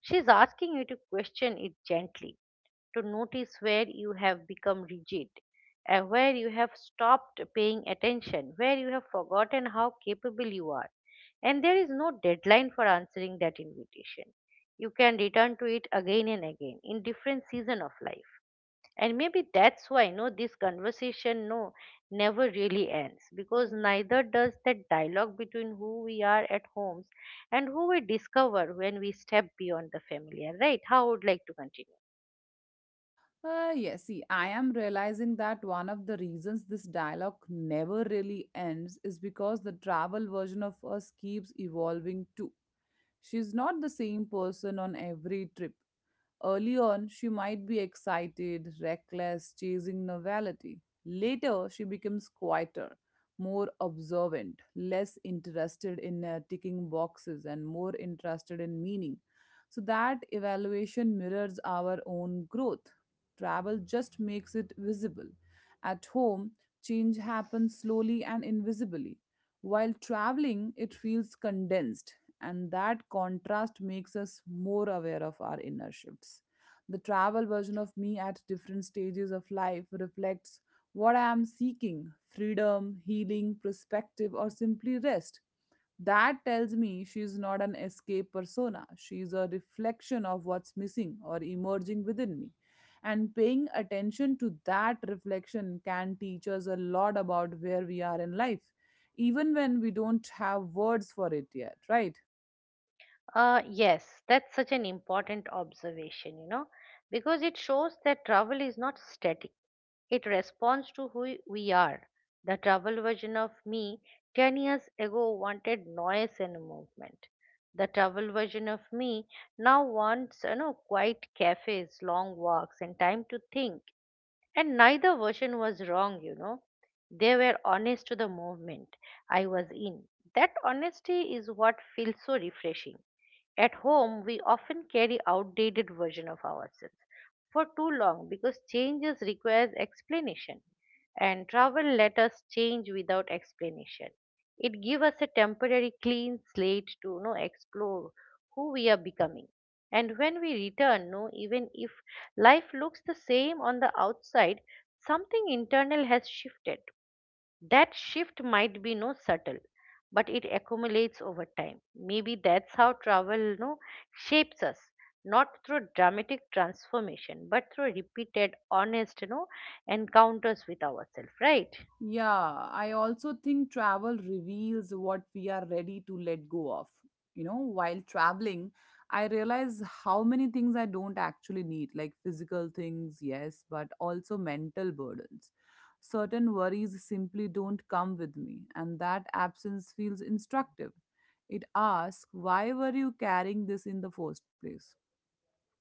Speaker 2: She's asking you to question it gently, to notice where you have become rigid, uh, where you have stopped paying attention, where you have forgotten how capable you are. And there is no deadline for answering that invitation. You can return to it again and again in different season of life. And maybe that's why no this conversation no never really ends, because neither does that dialogue between who we are at homes and who we discover when we step beyond the familiar, right? How would like to continue?
Speaker 1: Uh, yes, see, I am realizing that one of the reasons this dialogue never really ends is because the travel version of us keeps evolving too. She's not the same person on every trip. Early on, she might be excited, reckless, chasing novelty. Later, she becomes quieter, more observant, less interested in uh, ticking boxes, and more interested in meaning. So that evaluation mirrors our own growth. Travel just makes it visible. At home, change happens slowly and invisibly. While traveling, it feels condensed, and that contrast makes us more aware of our inner shifts. The travel version of me at different stages of life reflects what I am seeking: freedom, healing, perspective, or simply rest. That tells me she is not an escape persona. She is a reflection of what's missing or emerging within me. And paying attention to that reflection can teach us a lot about where we are in life, even when we don't have words for it yet, right?
Speaker 2: Uh, yes, that's such an important observation, you know, because it shows that travel is not static. It responds to who we are. The travel version of me ten years ago wanted noise and movement. The travel version of me now wants, you know, quiet cafes, long walks, and time to think. And neither version was wrong, you know. They were honest to the movement I was in. That honesty is what feels so refreshing. At home, we often carry outdated version of ourselves for too long because changes requires explanation, and travel let us change without explanation. It gives us a temporary clean slate to you know, explore who we are becoming. And when we return, no, even if life looks the same on the outside, something internal has shifted. That shift might be no subtle, but it accumulates over time. Maybe that's how travel you know, shapes us, not through dramatic transformation, but through repeated, honest, you know, encounters with ourselves, right?
Speaker 1: Yeah, I also think travel reveals what we are ready to let go of. You know, while traveling, I realize how many things I don't actually need, like physical things, yes, but also mental burdens. Certain worries simply don't come with me, and that absence feels instructive. It asks, why were you carrying this in the first place?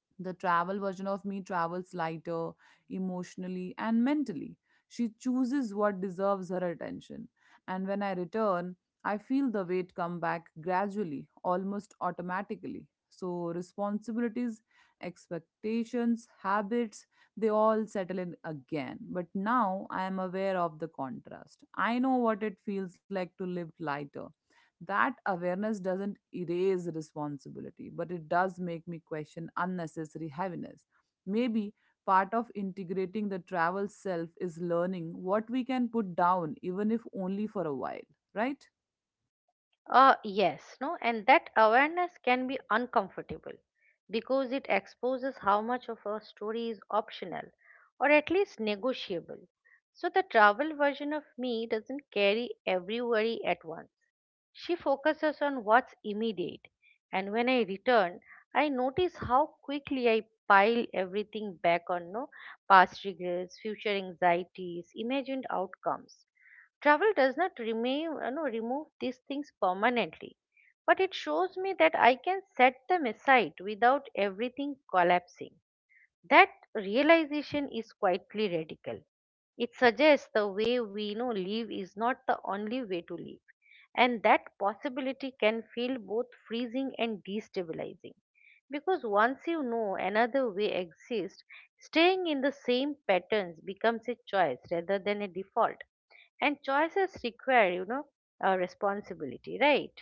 Speaker 1: The travel version of me travels lighter, emotionally, and mentally. She chooses what deserves her attention. And when I return, I feel the weight come back gradually, almost automatically. So, responsibilities, expectations, habits, they all settle in again. But now I am aware of the contrast. I know what it feels like to live lighter. That awareness doesn't erase responsibility, but it does make me question unnecessary heaviness. Maybe part of integrating the travel self is learning what we can put down, even if only for a while, right?
Speaker 2: Uh, yes, no, and that awareness can be uncomfortable because it exposes how much of a story is optional or at least negotiable. So the travel version of me doesn't carry every worry at once. She focuses on what's immediate, and when I return, I notice how quickly I pile everything back on no past regrets, future anxieties, imagined outcomes. Travel does not remove, you know, remove these things permanently, but it shows me that I can set them aside without everything collapsing. That realization is quietly radical. It suggests the way we know live is not the only way to live, and that possibility can feel both freezing and destabilizing. Because once you know another way exists, staying in the same patterns becomes a choice rather than a default. And choices require, you know, a responsibility, right?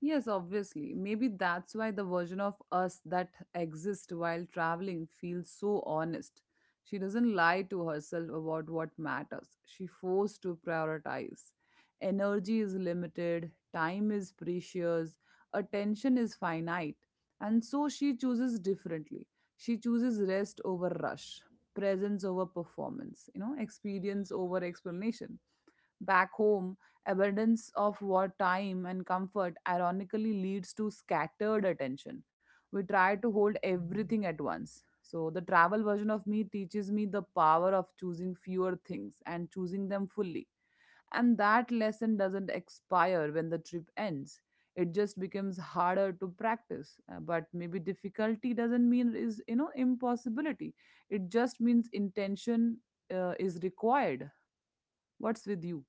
Speaker 1: Yes, obviously. Maybe that's why the version of us that exists while traveling feels so honest. She doesn't lie to herself about what matters. She forced to prioritize. Energy is limited, time is precious, attention is finite. And so she chooses differently. She chooses rest over rush, presence over performance, you know, experience over explanation. Back home, abundance of what time and comfort ironically leads to scattered attention. We try to hold everything at once. So, the travel version of me teaches me the power of choosing fewer things and choosing them fully. And that lesson doesn't expire when the trip ends. It just becomes harder to practice. Uh, But maybe difficulty doesn't mean is, you know, impossibility. It just means intention uh, is required. What's with you?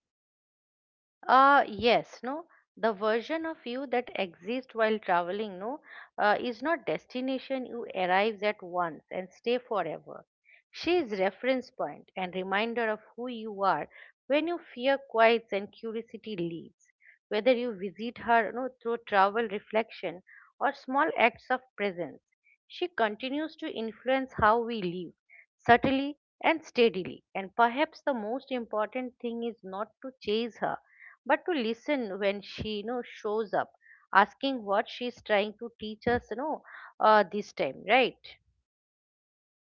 Speaker 2: Uh, yes, no. The version of you that exists while traveling, no, uh, is not destination you arrives at once and stay forever. She is reference point and reminder of who you are when your fear quiets and curiosity leaves. Whether you visit her, no, through travel reflection or small acts of presence, she continues to influence how we live, subtly and steadily. And perhaps the most important thing is not to chase her but to listen when she you know shows up asking what she's trying to teach us you know uh, this time, right?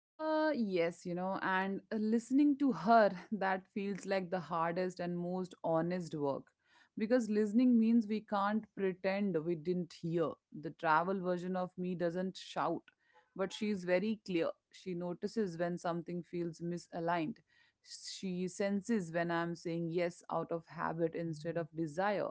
Speaker 1: Uh, yes, you know, and uh, listening to her, that feels like the hardest and most honest work. Because listening means we can't pretend we didn't hear. The travel version of me doesn't shout, but she's very clear. She notices when something feels misaligned. She senses when I'm saying yes out of habit instead of desire.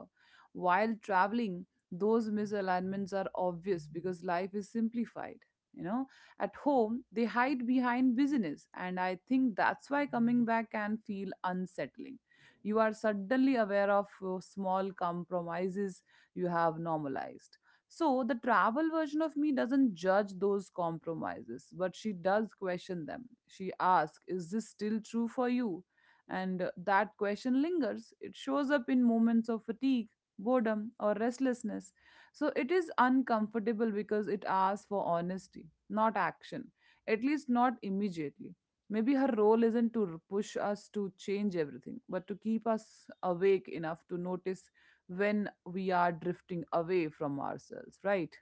Speaker 1: While traveling, those misalignments are obvious because life is simplified, you know. At home, they hide behind business, and I think that's why coming back can feel unsettling. You are suddenly aware of uh, small compromises you have normalized. So, the travel version of me doesn't judge those compromises, but she does question them. She asks, is this still true for you? And uh, that question lingers. It shows up in moments of fatigue, boredom, or restlessness. So it is uncomfortable because it asks for honesty, not action, at least not immediately. Maybe her role isn't to r- push us to change everything, but to keep us awake enough to notice when we are drifting away from ourselves, right?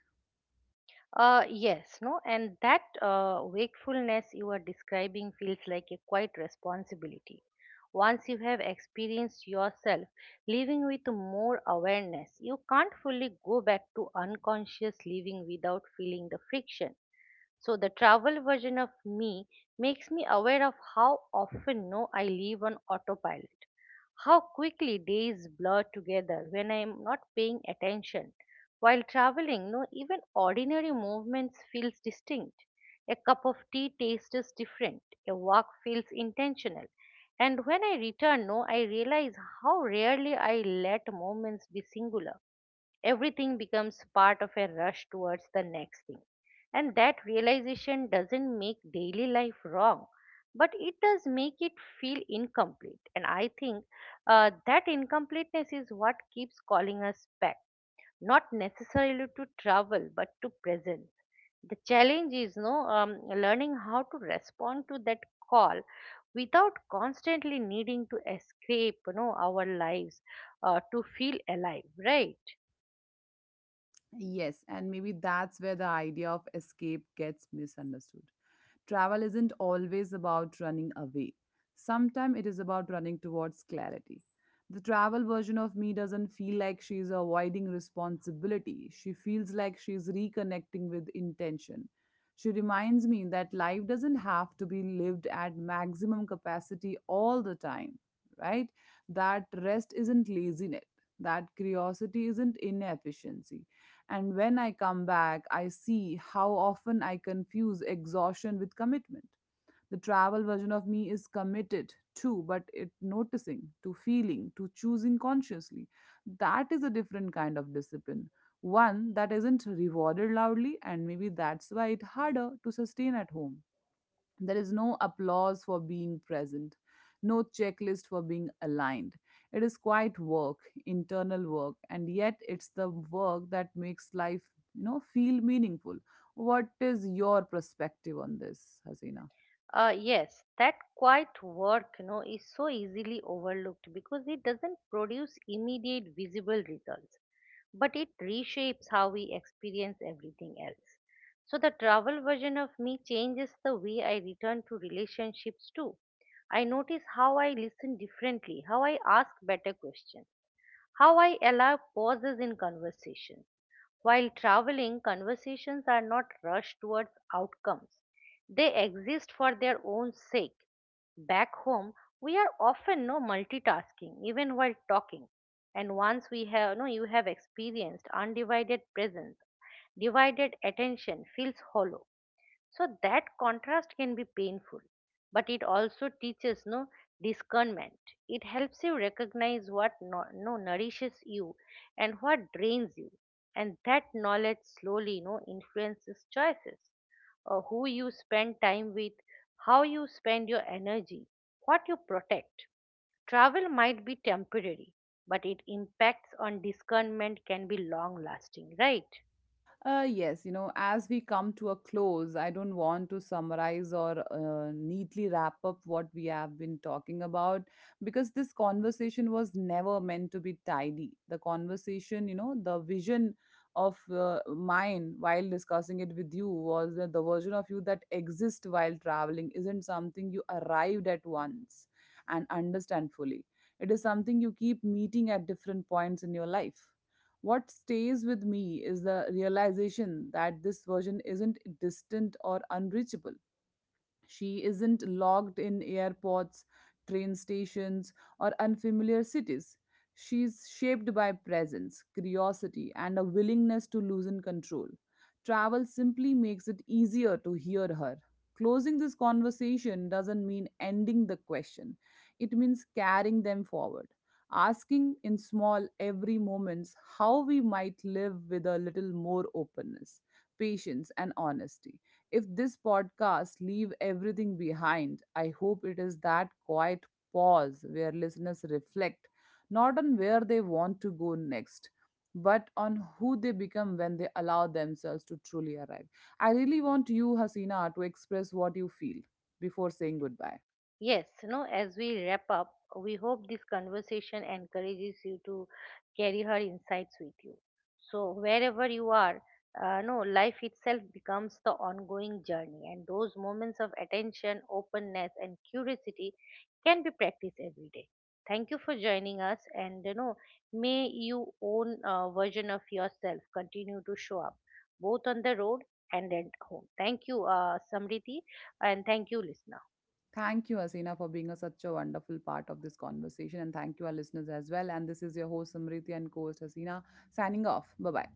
Speaker 2: Uh, yes, no, and that uh, wakefulness you are describing feels like a quiet responsibility. Once you have experienced yourself living with more awareness, you can't fully go back to unconscious living without feeling the friction. So the travel version of me makes me aware of how often no I leave on autopilot. How quickly days blur together when I am not paying attention. While traveling, no even ordinary movements feels distinct. A cup of tea tastes different. A walk feels intentional. And when I return, no, I realize how rarely I let moments be singular. Everything becomes part of a rush towards the next thing. And that realization doesn't make daily life wrong, but it does make it feel incomplete. And I think uh, that incompleteness is what keeps calling us back, not necessarily to travel, but to presence. The challenge is no um, learning how to respond to that call without constantly needing to escape you know our lives, uh, to feel alive, right?
Speaker 1: Yes, and maybe that's where the idea of escape gets misunderstood. Travel isn't always about running away, sometimes it is about running towards clarity. The travel version of me doesn't feel like she's avoiding responsibility, she feels like she's reconnecting with intention. She reminds me that life doesn't have to be lived at maximum capacity all the time, right? That rest isn't laziness, that curiosity isn't inefficiency. And when I come back, I see how often I confuse exhaustion with commitment. The travel version of me is committed to, but it noticing, to feeling, to choosing consciously. That is a different kind of discipline, one that isn't rewarded loudly, and maybe that's why it's harder to sustain at home. There is no applause for being present, no checklist for being aligned. It is quiet work, internal work, and yet it's the work that makes life, you know, feel meaningful. What is your perspective on this, Hasina?
Speaker 2: Uh, yes, that quiet work, you know, is so easily overlooked because it doesn't produce immediate visible results, but it reshapes how we experience everything else. So the travel version of me changes the way I return to relationships too. I notice how I listen differently, how I ask better questions, how I allow pauses in conversation. While traveling, conversations are not rushed towards outcomes, they exist for their own sake. Back home, we are often no multitasking, even while talking. And once we have no, you have experienced undivided presence, divided attention feels hollow. So that contrast can be painful, but it also teaches no discernment. It helps you recognize what no, no nourishes you and what drains you. And that knowledge slowly no influences choices, uh, who you spend time with, how you spend your energy, what you protect. Travel might be temporary, but it impacts on discernment can be long lasting, right?
Speaker 1: Uh, yes, you know, as we come to a close, I don't want to summarize or uh, neatly wrap up what we have been talking about, because this conversation was never meant to be tidy. The conversation, you know, the vision of uh, mine while discussing it with you was that the version of you that exists while traveling isn't something you arrived at once and understand fully. It is something you keep meeting at different points in your life. What stays with me is the realization that this version isn't distant or unreachable. She isn't locked in airports, train stations, or unfamiliar cities. She's shaped by presence, curiosity, and a willingness to loosen control. Travel simply makes it easier to hear her. Closing this conversation doesn't mean ending the question, it means carrying them forward. Asking in small, every moments, how we might live with a little more openness, patience, and honesty. If this podcast leave everything behind, I hope it is that quiet pause where listeners reflect, not on where they want to go next, but on who they become when they allow themselves to truly arrive. I really want you, Hasina, to express what you feel before saying goodbye.
Speaker 2: Yes, you know, as we wrap up, we hope this conversation encourages you to carry her insights with you. So, wherever you are, uh, no, life itself becomes the ongoing journey, and those moments of attention, openness, and curiosity can be practiced every day. Thank you for joining us, and you know, may your own uh, version of yourself continue to show up both on the road and at home. Thank you, uh, Samriti, and thank you, listener.
Speaker 1: Thank you, Hasina, for being a, such a wonderful part of this conversation. And thank you, our listeners, as well. And this is your host, Samriti, and co host, Hasina, signing off. Bye bye.